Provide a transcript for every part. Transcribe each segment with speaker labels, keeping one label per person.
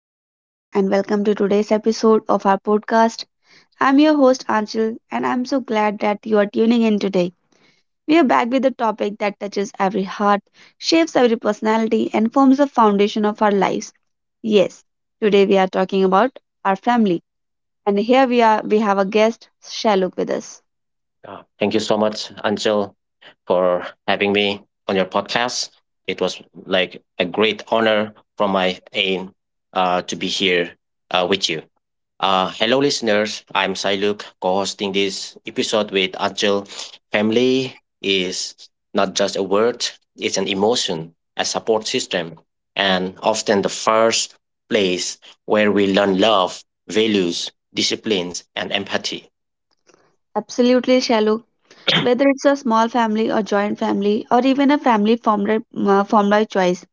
Speaker 1: everyone, and welcome to today's episode of our podcast. I'm your host, Anshul, and I'm so glad that you are tuning in today. We are back with a topic that touches every heart, shapes every personality, and forms the foundation of our lives. Yes, today we are talking about our family, and here we are. We have a guest, Shaluk, with us.
Speaker 2: Thank you so much, Anchal, for having me on your podcast. It was like a great honor from my aim to be here with you. Hello, listeners. I'm Sailuk, co-hosting this episode with Anchal. Family is not just a word; it's an emotion, a support system, and often the first place where we learn love, values, disciplines, and empathy.
Speaker 1: Absolutely, Shaluk. Whether it's a small family or joint family, or even a family formed by choice,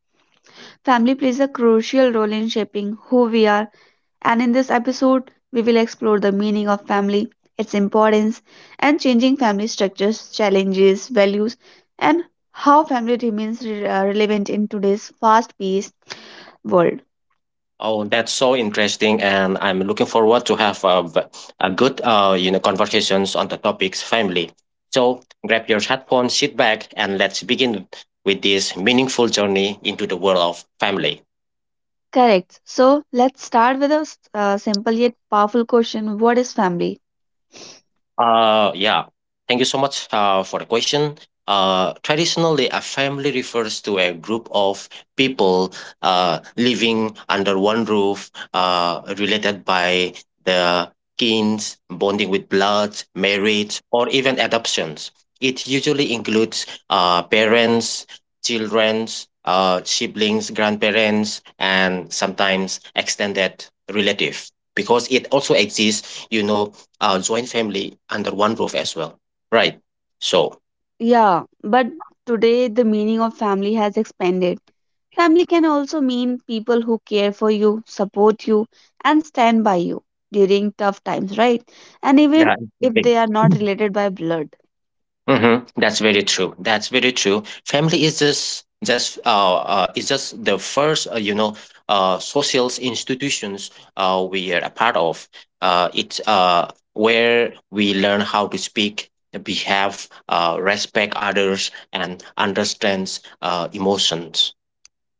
Speaker 1: family plays a crucial role in shaping who we are, and in this episode, we will explore the meaning of family, its importance, and changing family structures, challenges, values, and how family remains relevant in today's fast paced world.
Speaker 2: Oh, that's so interesting, and I'm looking forward to have a good, conversations on the topics family. So grab your headphones, sit back, and let's begin with this meaningful journey into the world of family.
Speaker 1: Correct. So, let's start with a simple yet powerful question. What is family?
Speaker 2: Yeah. Thank you so much for the question. Traditionally, a family refers to a group of people living under one roof, related by the kins, bonding with blood, marriage, or even adoptions. It usually includes parents, children, siblings, grandparents, and sometimes extended relatives. Because it also exists, you know, joint family under one roof as well, right? So
Speaker 1: Yeah, but today the meaning of family has expanded. Family can also mean people who care for you, support you, and stand by you during tough times, right? And
Speaker 2: yeah,
Speaker 1: even if they are not related by blood.
Speaker 2: hmm, that's very true. That's very true. Family is just the first social institutions we are a part of. It's where we learn how to speak, behave, respect others, and understands emotions.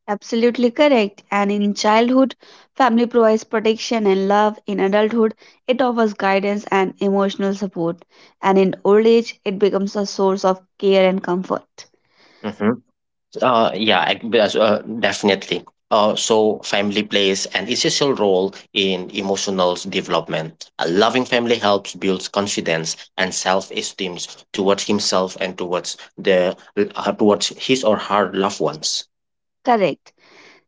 Speaker 1: Absolutely correct. And in childhood, family provides protection and love. In adulthood, it offers guidance and emotional support. And in old age, it becomes a source of care and comfort.
Speaker 2: Mm-hmm. Definitely. So family plays an essential role in emotional development. A loving family helps build confidence and self-esteem towards himself and towards the towards his or her loved ones.
Speaker 1: Correct.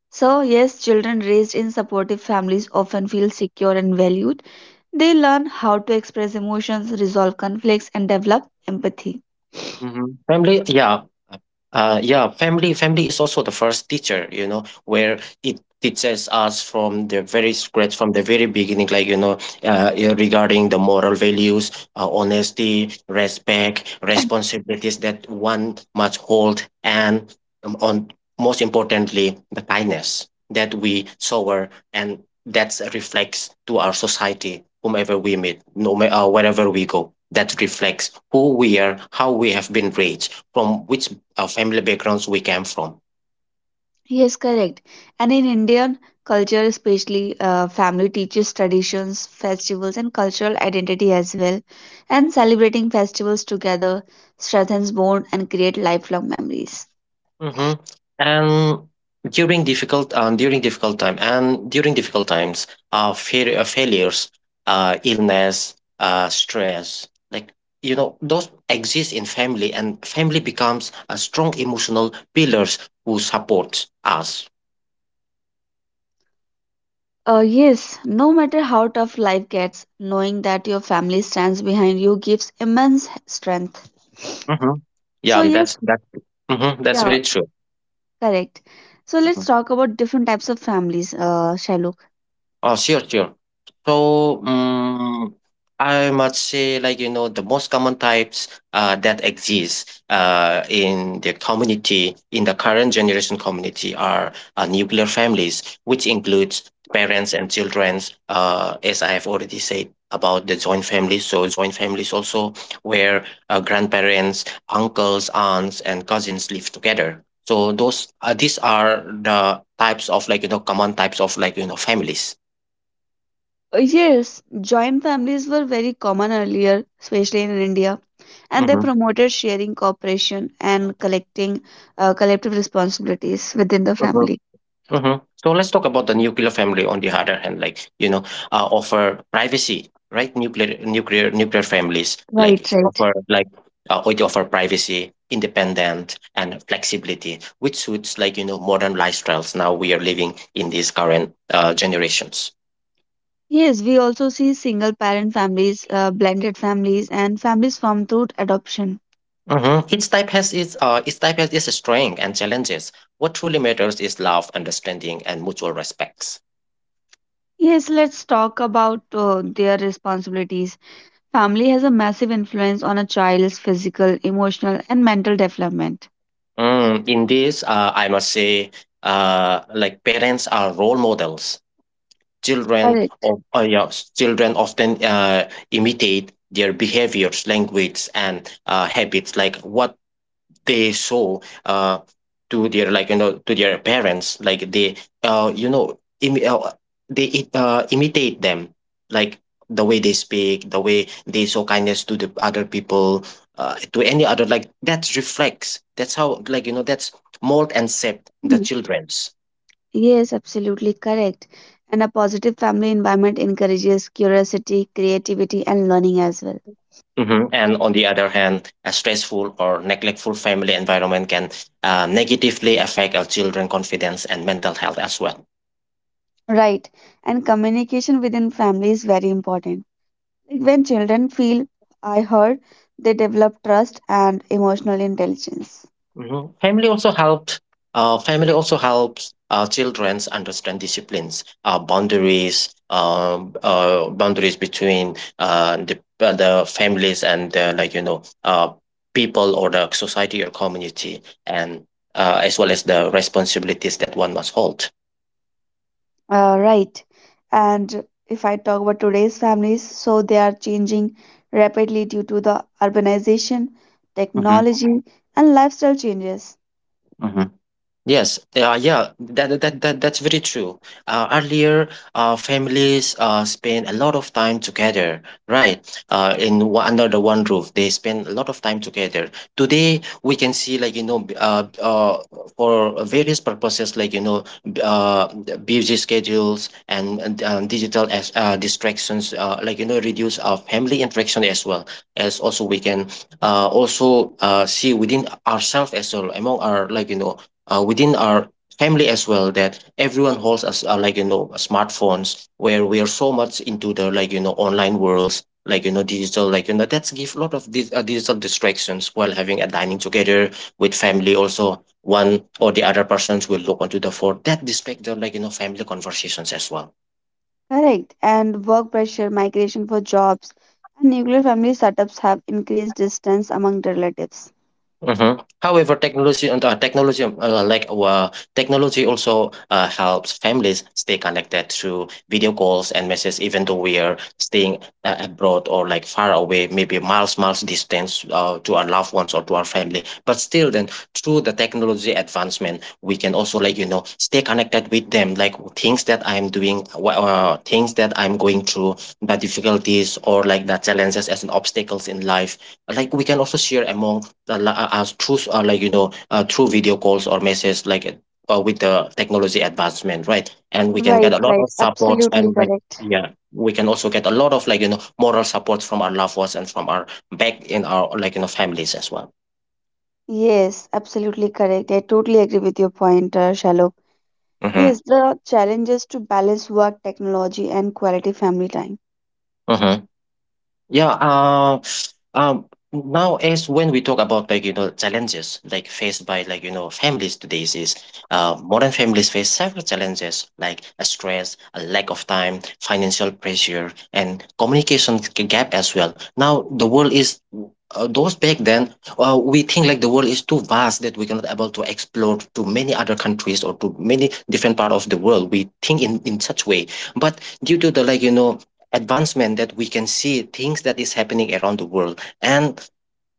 Speaker 1: So, yes, children raised in supportive families often feel secure and valued. They learn how to express emotions, resolve conflicts, and develop empathy.
Speaker 2: Mhm. Family yeah, yeah, family family is also the first teacher, you know, where it teaches us from the very scratch, from the very beginning, like you know, yeah, regarding the moral values, honesty, respect, responsibilities that one must hold, and on most importantly, the kindness that we shower, and that reflects to our society, whomever we meet, no matter wherever we go. That reflects who we are, how we have been raised, from which family backgrounds we came from.
Speaker 1: Yes, correct. And in Indian culture, especially, family teaches traditions, festivals, and cultural identity as well. And celebrating festivals together strengthens bond and create lifelong memories.
Speaker 2: Hmm. And during difficult times failures, illness, stress, like you know, those exist in family, and family becomes a strong emotional pillars who support us.
Speaker 1: Yes, no matter how tough life gets, knowing that your family stands behind you gives immense strength.
Speaker 2: Mhm. Yeah,
Speaker 1: So
Speaker 2: and that's
Speaker 1: yes,
Speaker 2: that. Mhm, that's
Speaker 1: yeah,
Speaker 2: very true.
Speaker 1: correct. So let's
Speaker 2: Mm-hmm.
Speaker 1: talk about different types of families, Shailuk.
Speaker 2: Oh, sure, sure. So, mm, I must say, like, you know, the most common types that exist in the community, in the current generation community, are nuclear families, which includes parents and children, as I have already said about the joint families. So, joint families also, where grandparents, uncles, aunts, and cousins live together. So, those these are the types of like you know common types of like you know families.
Speaker 1: Yes, joint families were very common earlier, especially in India, and they
Speaker 2: Mhm,
Speaker 1: promoted sharing, cooperation, and collecting collective responsibilities within the
Speaker 2: mhm,
Speaker 1: family.
Speaker 2: mhm. So let's talk about the nuclear family on the other hand, like you know, offer privacy, right? Nuclear families,
Speaker 1: Right, right.
Speaker 2: like it offer privacy, independent, and flexibility, which suits like you know modern lifestyles. Now we are living in these current generations.
Speaker 1: Yes, we also see single parent families, blended families, and families formed through adoption.
Speaker 2: Hmm. Each type has its strength and challenges. What truly matters is love, understanding, and mutual respects.
Speaker 1: Yes, let's talk about their responsibilities. Family has a massive influence on a child's physical, emotional, and mental development.
Speaker 2: In this, I must say, like parents are role models. Children
Speaker 1: Correct.
Speaker 2: of yeah, s- children often imitate their behaviors, language, and habits. Like what they saw uh to their like you know to their parents, like they you know Im- they it, imitate them, like the way they speak, the way they show kindness to the other people, to any other, like that reflects, that's how like you know that's mold and shape the
Speaker 1: Mm.
Speaker 2: children's.
Speaker 1: Yes, absolutely correct. And a positive family environment encourages curiosity, creativity, and learning as well.
Speaker 2: Mhm. And on the other hand, a stressful or neglectful family environment can negatively affect our children confidence and mental health as well.
Speaker 1: Right. And communication within family is very important. Like when children feel I heard, they develop trust and emotional intelligence.
Speaker 2: Mhm. Family also helps childrens understand disciplines, boundaries between the families and like you know people or the society or community, and as well as the responsibilities that one must hold.
Speaker 1: Right. And if I talk about today's families, so they are changing rapidly due to the urbanization,
Speaker 2: Hmm.
Speaker 1: technology, and lifestyle changes.
Speaker 2: Hmm. Yes, yeah, that that's very true. Earlier, families spend a lot of time together, right? In one, under the one roof, they spend a lot of time together. Today, we can see like you know, for various purposes, like you know, the busy schedules, and digital distractions, like you know, reduce our family interaction as well. As also, we can also see within ourselves as well, among our like you know within our family as well, that everyone holds us like you know smartphones, where we are so much into the like you know online worlds, like you know digital like you know, that's give a lot of digital distractions while having a dining together with family. Also one or the other persons will look onto the phone that distract the like you know family conversations as well.
Speaker 1: Correct. And work pressure, migration for jobs, and nuclear family setups have increased distance among relatives.
Speaker 2: Hmm. However, technology and technology like technology also helps families stay connected through video calls and messages, even though we are staying abroad or like far away, maybe miles, miles distance to our loved ones or to our family. But still, then through the technology advancement, we can also like you know stay connected with them, like things that I'm doing, things that I'm going through, the difficulties or like the challenges as an obstacles in life. Like we can also share among li- as through like you know through video calls or messages, like with the technology advancement, right, and we can get
Speaker 1: Right,
Speaker 2: a lot
Speaker 1: right.
Speaker 2: of supports
Speaker 1: Absolutely
Speaker 2: and like
Speaker 1: correct.
Speaker 2: yeah, we can also get a lot of like you know moral support from our loved ones and from our back in our like you know families as well.
Speaker 1: Yes, absolutely correct. I totally agree with your point, Shalok.
Speaker 2: Mm-hmm.
Speaker 1: Yes, the challenge is to balance work, technology, and quality family time.
Speaker 2: Mm-hmm. Yeah. Um. Now, as when we talk about like you know challenges like faced by like you know families today is modern families face several challenges like a stress, a lack of time, financial pressure, and communication gap as well. Now, the world is those back then, we think like the world is too vast that we cannot able to explore to many other countries or to many different part of the world. We think in such way, but due to the like you know advancement that we can see things that is happening around the world, and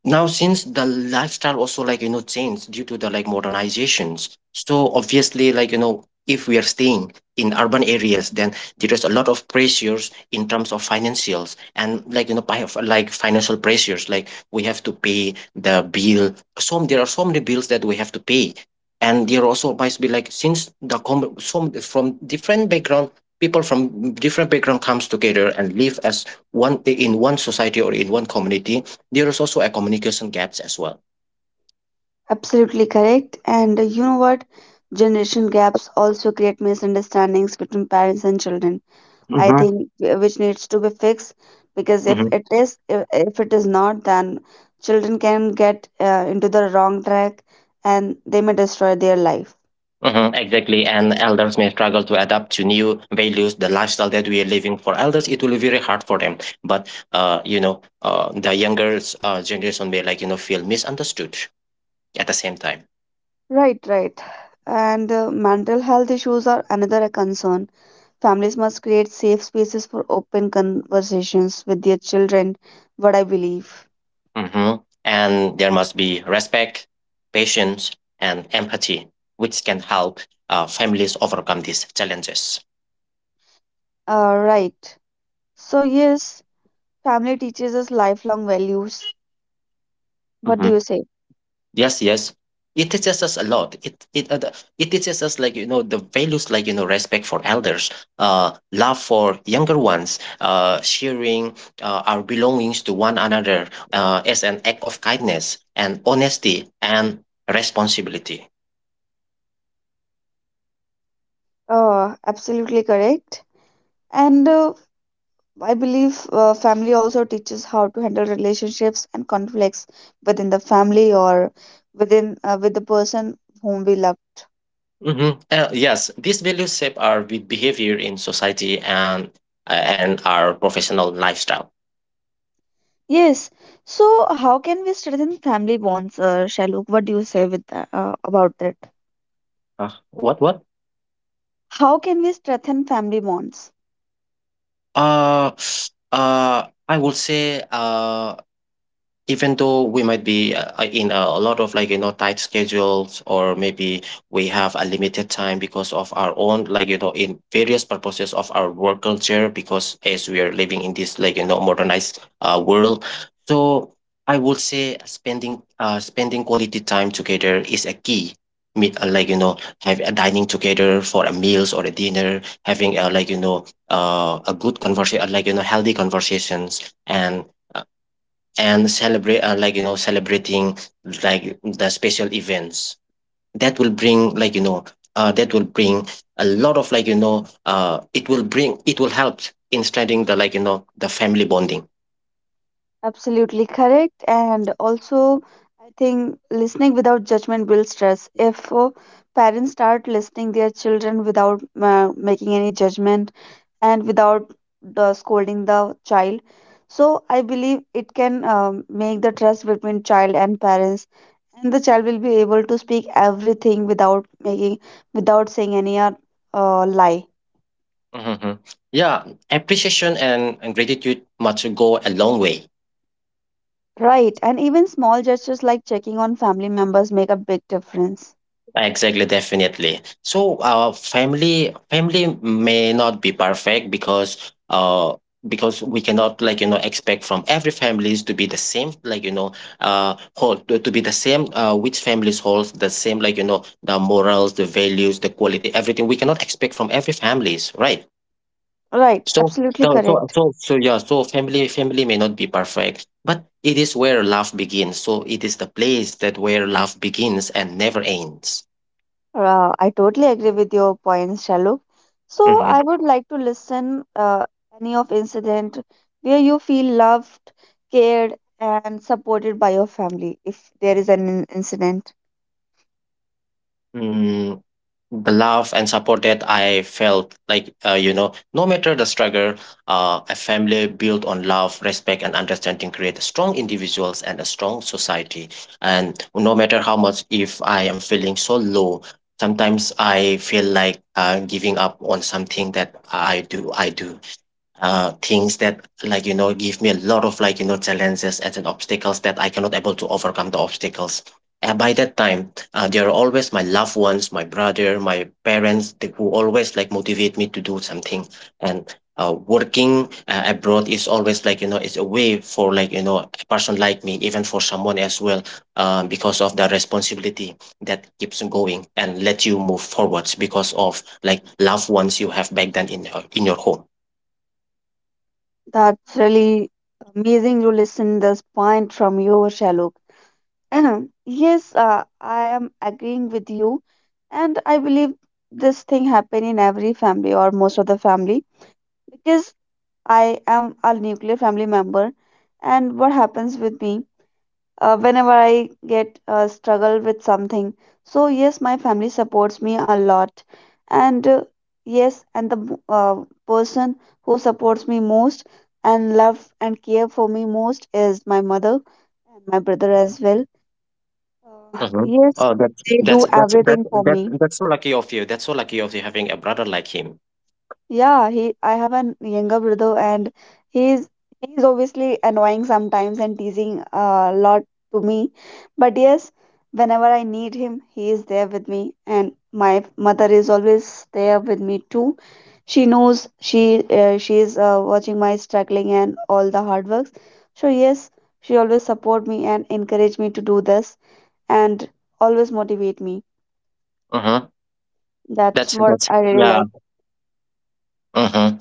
Speaker 2: now since the lifestyle also like you know changed due to the like modernizations, so obviously like you know if we are staying in urban areas, then there is a lot of pressures in terms of financials and like you know like financial pressures, like we have to pay the bill. Some, there are so many bills that we have to pay, and there also might be like since some from different background, people from different background comes together and live as one in one society or in one community, there is also a communication gaps as well.
Speaker 1: Absolutely correct. And you know what? Generation gaps also create misunderstandings between parents and children. I
Speaker 2: Mm-hmm.
Speaker 1: think uh, which needs to be fixed because if
Speaker 2: Mm-hmm.
Speaker 1: it is, if if it is not, then children can get into the wrong track and they may destroy their life.
Speaker 2: Hmm, exactly, and elders may struggle to adapt to new values. The lifestyle that we are living, for elders, it will be very hard for them. But the younger generation may like you know feel misunderstood at the same time.
Speaker 1: Right, right. And mental health issues are another concern. Families must create safe spaces for open conversations with their children, what I believe.
Speaker 2: Hmm. And there must be respect, patience, and empathy, which can help families overcome these challenges.
Speaker 1: Right. So, yes, family teaches us lifelong values. What do you
Speaker 2: Mm-hmm.
Speaker 1: say?
Speaker 2: Yes, yes. It teaches us a lot. It teaches us like you know the values like you know respect for elders, love for younger ones, sharing our belongings to one another as an act of kindness and honesty and responsibility.
Speaker 1: Absolutely correct. And I believe family also teaches how to handle relationships and conflicts within the family or within with the person whom we love.
Speaker 2: Mhm. Yes, these values shape our behavior in society and our professional lifestyle.
Speaker 1: Yes. So, how can we strengthen family bonds, Shaluk? What do you say with that, about that?
Speaker 2: What?
Speaker 1: How can we strengthen family bonds?
Speaker 2: Uh, I would say even though we might be in a lot of like you know tight schedules, or maybe we have a limited time because of our own like you know in various purposes of our work culture, because as we are living in this like you know modernized world, so I would say spending quality time together is a key. Like you know, have a dining together for a meals or a dinner, having a like you know a good conversation, like you know healthy conversations, and celebrate like you know celebrating like the special events. That will bring like you know that will bring a lot of like you know it will bring it will help in strengthening the like you know the family bonding.
Speaker 1: Absolutely correct. And also, I think listening without judgment builds trust. If Parents start listening their children without making any judgment and without scolding the child, so I believe it can make the trust between child and parents, and the child will be able to speak everything without making without saying any lie.
Speaker 2: Mhm. Yeah, appreciation and gratitude must go a long way.
Speaker 1: Right, and even small gestures like checking on family members make a big difference.
Speaker 2: Exactly, definitely. So, family may not be perfect because we cannot, like you know, expect from every families to be the same, like you know, whole to be the same, uh, which families holds the same, like you know, the morals, the values, the quality, everything. We cannot expect from every families, right?
Speaker 1: Right,
Speaker 2: So
Speaker 1: absolutely correct.
Speaker 2: yeah, so family may not be perfect, but it is where love begins. So it is the place that where love begins and never ends.
Speaker 1: I totally agree with your points, Shalok. So I
Speaker 2: Mhm.
Speaker 1: would like to listen any of incident where you feel loved, cared, and supported by your family. If there is an incident,
Speaker 2: Mm, the love and support that I felt, like, you know, no matter the struggle, a family built on love, respect, and understanding creates strong individuals and a strong society. And no matter how much, if I am feeling so low, sometimes I feel like giving up on something that I do uh, things that, like you know, give me a lot of, like you know, challenges and then obstacles that I cannot able to overcome the obstacles. And by that time, they are always my loved ones, my brother, my parents, they, who always like motivate me to do something. And working abroad is always, like you know, it's a way for, like you know, a person like me, even for someone as well, because of the responsibility that keeps on going and let you move forwards because of like loved ones you have back then in your home.
Speaker 1: that's really amazing to listen this point from you, Shalok. Yes, I am agreeing with you, and I believe this thing happen in every family or most of the family because I am a nuclear family member, and what happens with me whenever I get struggle with something. So yes, my family supports me a lot, and yes, and the person who supports me most and love and care for me most is my mother and my brother as well. Uh,
Speaker 2: Uh-huh.
Speaker 1: yes,
Speaker 2: Oh, that's
Speaker 1: they
Speaker 2: that's
Speaker 1: do
Speaker 2: that's that's
Speaker 1: everything for
Speaker 2: that's
Speaker 1: me.
Speaker 2: that's so lucky of you. That's so lucky of you having a brother like him.
Speaker 1: Yeah, he I have an younger brother and he's he's obviously annoying sometimes and teasing a lot to me. But yes, whenever I need him, he is there with me and my mother is always there with me too. She knows she is watching my struggling and all the hard works. So yes, she always support me and encourage me to do this and always motivate me.
Speaker 2: Uh-huh.
Speaker 1: That's
Speaker 2: That's
Speaker 1: what
Speaker 2: that's
Speaker 1: I really
Speaker 2: yeah.
Speaker 1: like.
Speaker 2: Uh-huh.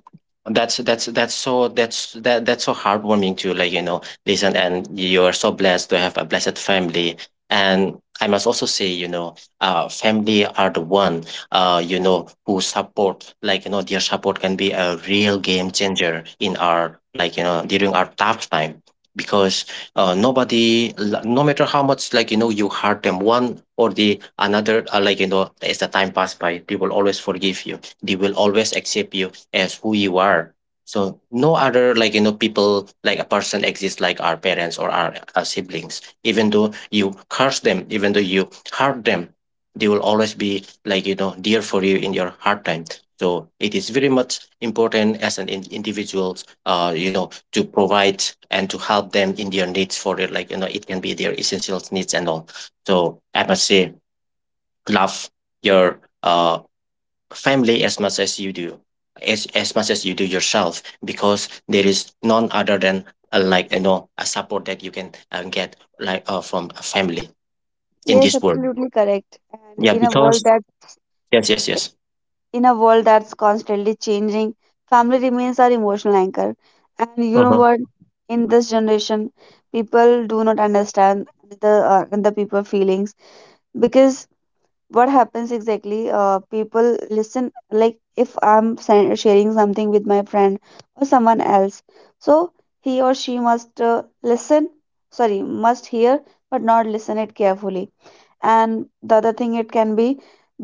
Speaker 2: That's so heartwarming to, like you know, listen, and you are so blessed to have a blessed family. And I must also say, you know, uh, family are the one, uh, you know, who support, like you know, their support can be a real game changer in our, like you know, during our tough time. Because uh, nobody no matter how much, like you know, you hurt them one or the another, like you know, as the time pass by, they will always forgive you, they will always accept you as who you are. So no other, like you know, people like a person exists like our parents or our siblings. Even though you curse them, even though you hurt them, they will always be, like you know, dear for you in your hard time. So it is very much important as an individuals, you know, to provide and to help them in their needs for it. Like you know, it can be their essential needs and all. So I must say, love your family as much as you do, as much as you do yourself, because there is none other than like you know, a support that you can get, like from a family in
Speaker 1: Yes,
Speaker 2: this world.
Speaker 1: absolutely correct. And
Speaker 2: Yeah,
Speaker 1: in a world
Speaker 2: because
Speaker 1: that
Speaker 2: yes, yes, yes.
Speaker 1: in a world that's constantly changing, family remains our emotional anchor. And you know
Speaker 2: Uh-huh.
Speaker 1: what? In this generation, people do not understand the the people feelings because what happens exactly? People listen, like if I'm sharing something with my friend or someone else, so he or she must listen. Sorry, must hear but not listen it carefully, and the other thing it can be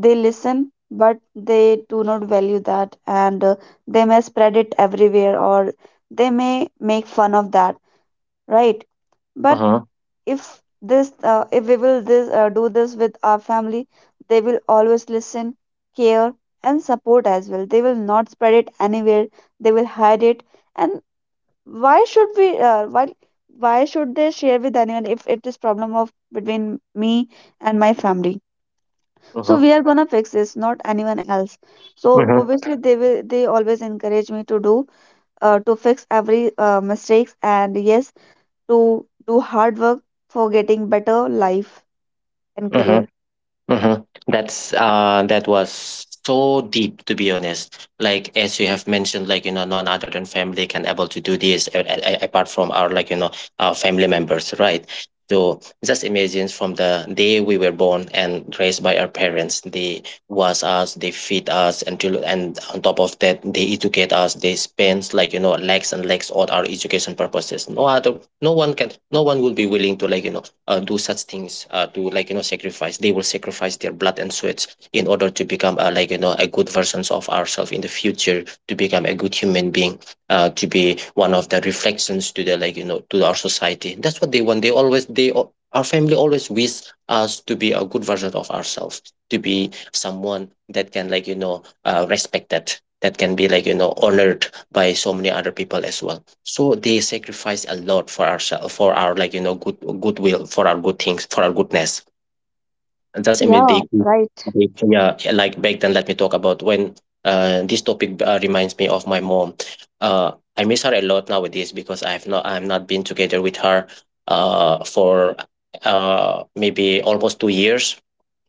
Speaker 1: they listen but they do not value that, and they may spread it everywhere or they may make fun of that, right? But
Speaker 2: Uh-huh.
Speaker 1: if this if we will this do this with our family, they will always listen, care, and support as well. They will not spread it anywhere, they will hide it. And why should we uh, why why should they share with anyone if it is problem of between me and my family? So
Speaker 2: Uh-huh.
Speaker 1: we are gonna fix this, not anyone else. So
Speaker 2: Uh-huh.
Speaker 1: obviously they will they always encourage me to do to fix every mistakes, and yes, to do hard work for getting better life and
Speaker 2: Uh-huh.
Speaker 1: career,
Speaker 2: Mm-hmm. That was so deep, to be honest. Like as you have mentioned, like you know, none other than family can able to do this apart from our, like you know, our family members, right? So just imagine from the day we were born and raised by our parents, they wash us, they feed us, and and on top of that, they educate us. They spend, like you know, legs and legs on our education purposes. No other, no one will be willing to, like you know, do such things to, like you know, sacrifice. They will sacrifice their blood and sweats in order to become like you know, a good versions of ourselves in the future, to become a good human being, to be one of the reflections to the, like you know, to our society. That's what they want. They always, our family always wish us to be a good version of ourselves, to be someone that can, like you know, respected, that can be, like you know, honored by so many other people as well. So they sacrifice a lot for our, for our, like you know, good goodwill, for our good things, for our goodness. And that's
Speaker 1: yeah,
Speaker 2: immediately,
Speaker 1: right.
Speaker 2: they- yeah, yeah, like back then, let me talk about when this topic reminds me of my mom. Uh, I miss her a lot nowadays because I'm not been together with her for maybe almost 2 years.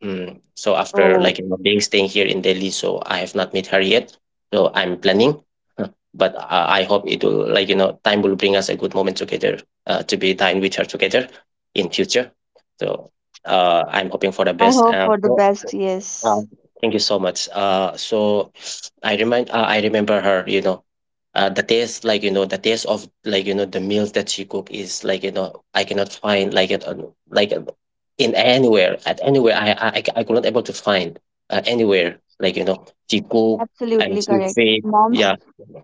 Speaker 2: Mm. So after,
Speaker 1: So
Speaker 2: like you know, being staying here in Delhi, so I have not met her yet. So I'm planning, uh, but I hope it will, like you know, time will bring us a good moment together to be dine with her together in future. So I'm hoping for the
Speaker 1: I
Speaker 2: best.
Speaker 1: hope for the
Speaker 2: So-
Speaker 1: best.
Speaker 2: uh,
Speaker 1: Yes,
Speaker 2: um, thank you so much. So I remember her. You know, the taste, like you know, the taste of, like you know, the meals that she cook is, like you know, I cannot find like it like in anywhere. At anywhere I could not able to find anywhere, like you know, she cook. And
Speaker 1: absolutely
Speaker 2: she
Speaker 1: correct.
Speaker 2: say,
Speaker 1: Mom's
Speaker 2: yeah,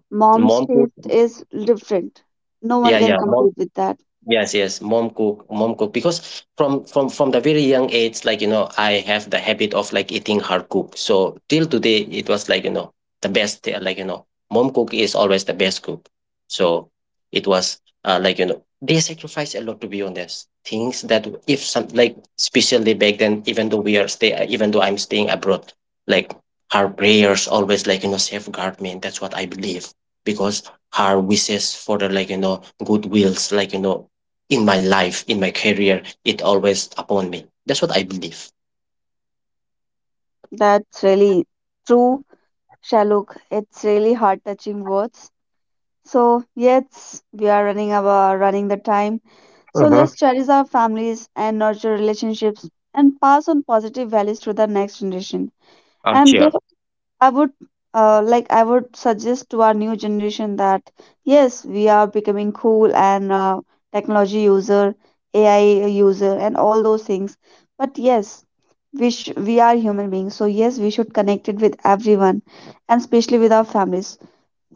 Speaker 1: mom's
Speaker 2: mom cook,
Speaker 1: taste is different. No one
Speaker 2: yeah,
Speaker 1: can
Speaker 2: yeah, mom.
Speaker 1: compete with that.
Speaker 2: Yes, yes. Mom cook. Because from the very young age, like you know, I have the habit of like eating her cook. So till today, it was, like you know, the best. Uh, like you know, mom cook is always the best cook. So it was like you know, they sacrifice a lot, to be honest. Things that if some like especially back then, even though even though I'm staying abroad, like, her prayers always, like you know, safeguard me. And that's what I believe, because her wishes for the, like you know, good wills, like you know, in my life, in my career, it always upon me. That's what I believe.
Speaker 1: That's really true, Shaluk, it's really heart touching words. So yes, we are running our running the time. So
Speaker 2: Mm-hmm.
Speaker 1: let's cherish our families and nurture relationships and pass on positive values to the next generation. And
Speaker 2: Cheer.
Speaker 1: that I would I would suggest to our new generation that yes, we are becoming cool and technology user, AI user, and all those things. But yes, we we are human beings. So yes, we should connect it with everyone, and especially with our families.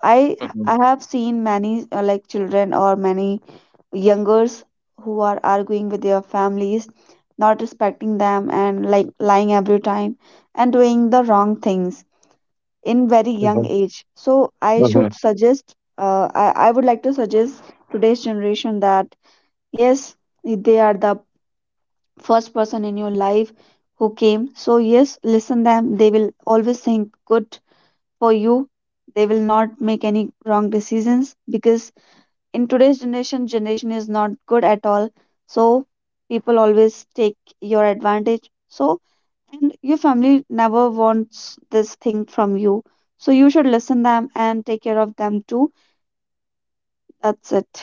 Speaker 1: I
Speaker 2: Hmm.
Speaker 1: I have seen many like children or many youngers who are arguing with their families, not respecting them and like lying every time and doing the wrong things in very young
Speaker 2: Hmm.
Speaker 1: age. So I
Speaker 2: Mm-hmm.
Speaker 1: should suggest, I would like to suggest today's generation that yes, they are the first person in your life who came. So yes, listen them. They will always think good for you. They will not make any wrong decisions because in today's generation generation is not good at all, so people always take your advantage. So, and your family never wants this thing from you, so you should listen them and take care of them too. That's it.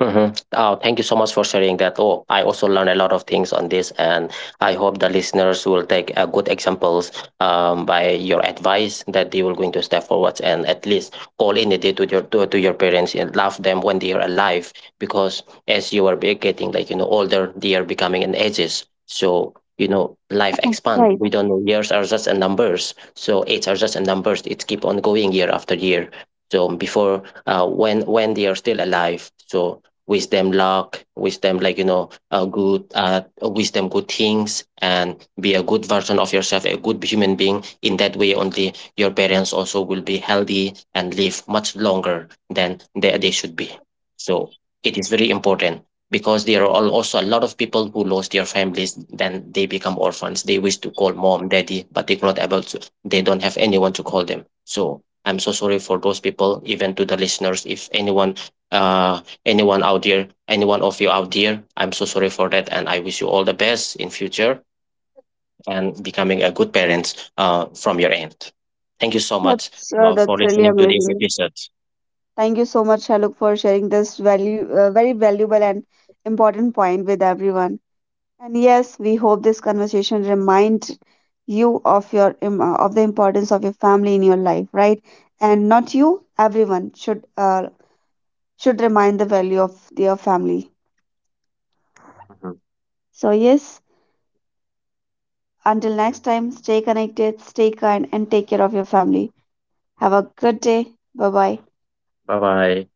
Speaker 2: Hmm. Oh, thank you so much for sharing that. Oh, I also learned a lot of things on this, and I hope the listeners will take good examples by your advice, that they will going to step forward and at least call in a day to your to your parents and love them when they are alive. Because as you are getting, like you know, older, they are becoming in ages. So you know, life expand.
Speaker 1: Right.
Speaker 2: We don't know, years are just a numbers. So age are just a numbers. It keep on going year after year. So before when they are still alive, so wisdom, like you know, a good uh, wisdom, good things, and be a good version of yourself, a good human being. In that way only your parents also will be healthy and live much longer than they should be. So it is very important, because there are also a lot of people who lost their families, then they become orphans. They wish to call mom, daddy, but they're not able to. They don't have anyone to call them. So I'm so sorry for those people. Even to the listeners, if anyone uh, anyone out there, anyone of you out there, I'm so sorry for that, and I wish you all the best in future, and becoming a good parent from your end. Thank you so much for
Speaker 1: That's really
Speaker 2: listening to this
Speaker 1: amazing.
Speaker 2: episode.
Speaker 1: Thank you so much, Shaluk, for sharing this value very valuable and important point with everyone. And yes, we hope this conversation reminds you of your of the importance of your family in your life, right? And not you, everyone should remind the value of their family. So yes, until next time, stay connected, stay kind, and take care of your family. Have a good day. Bye bye.
Speaker 2: Bye bye.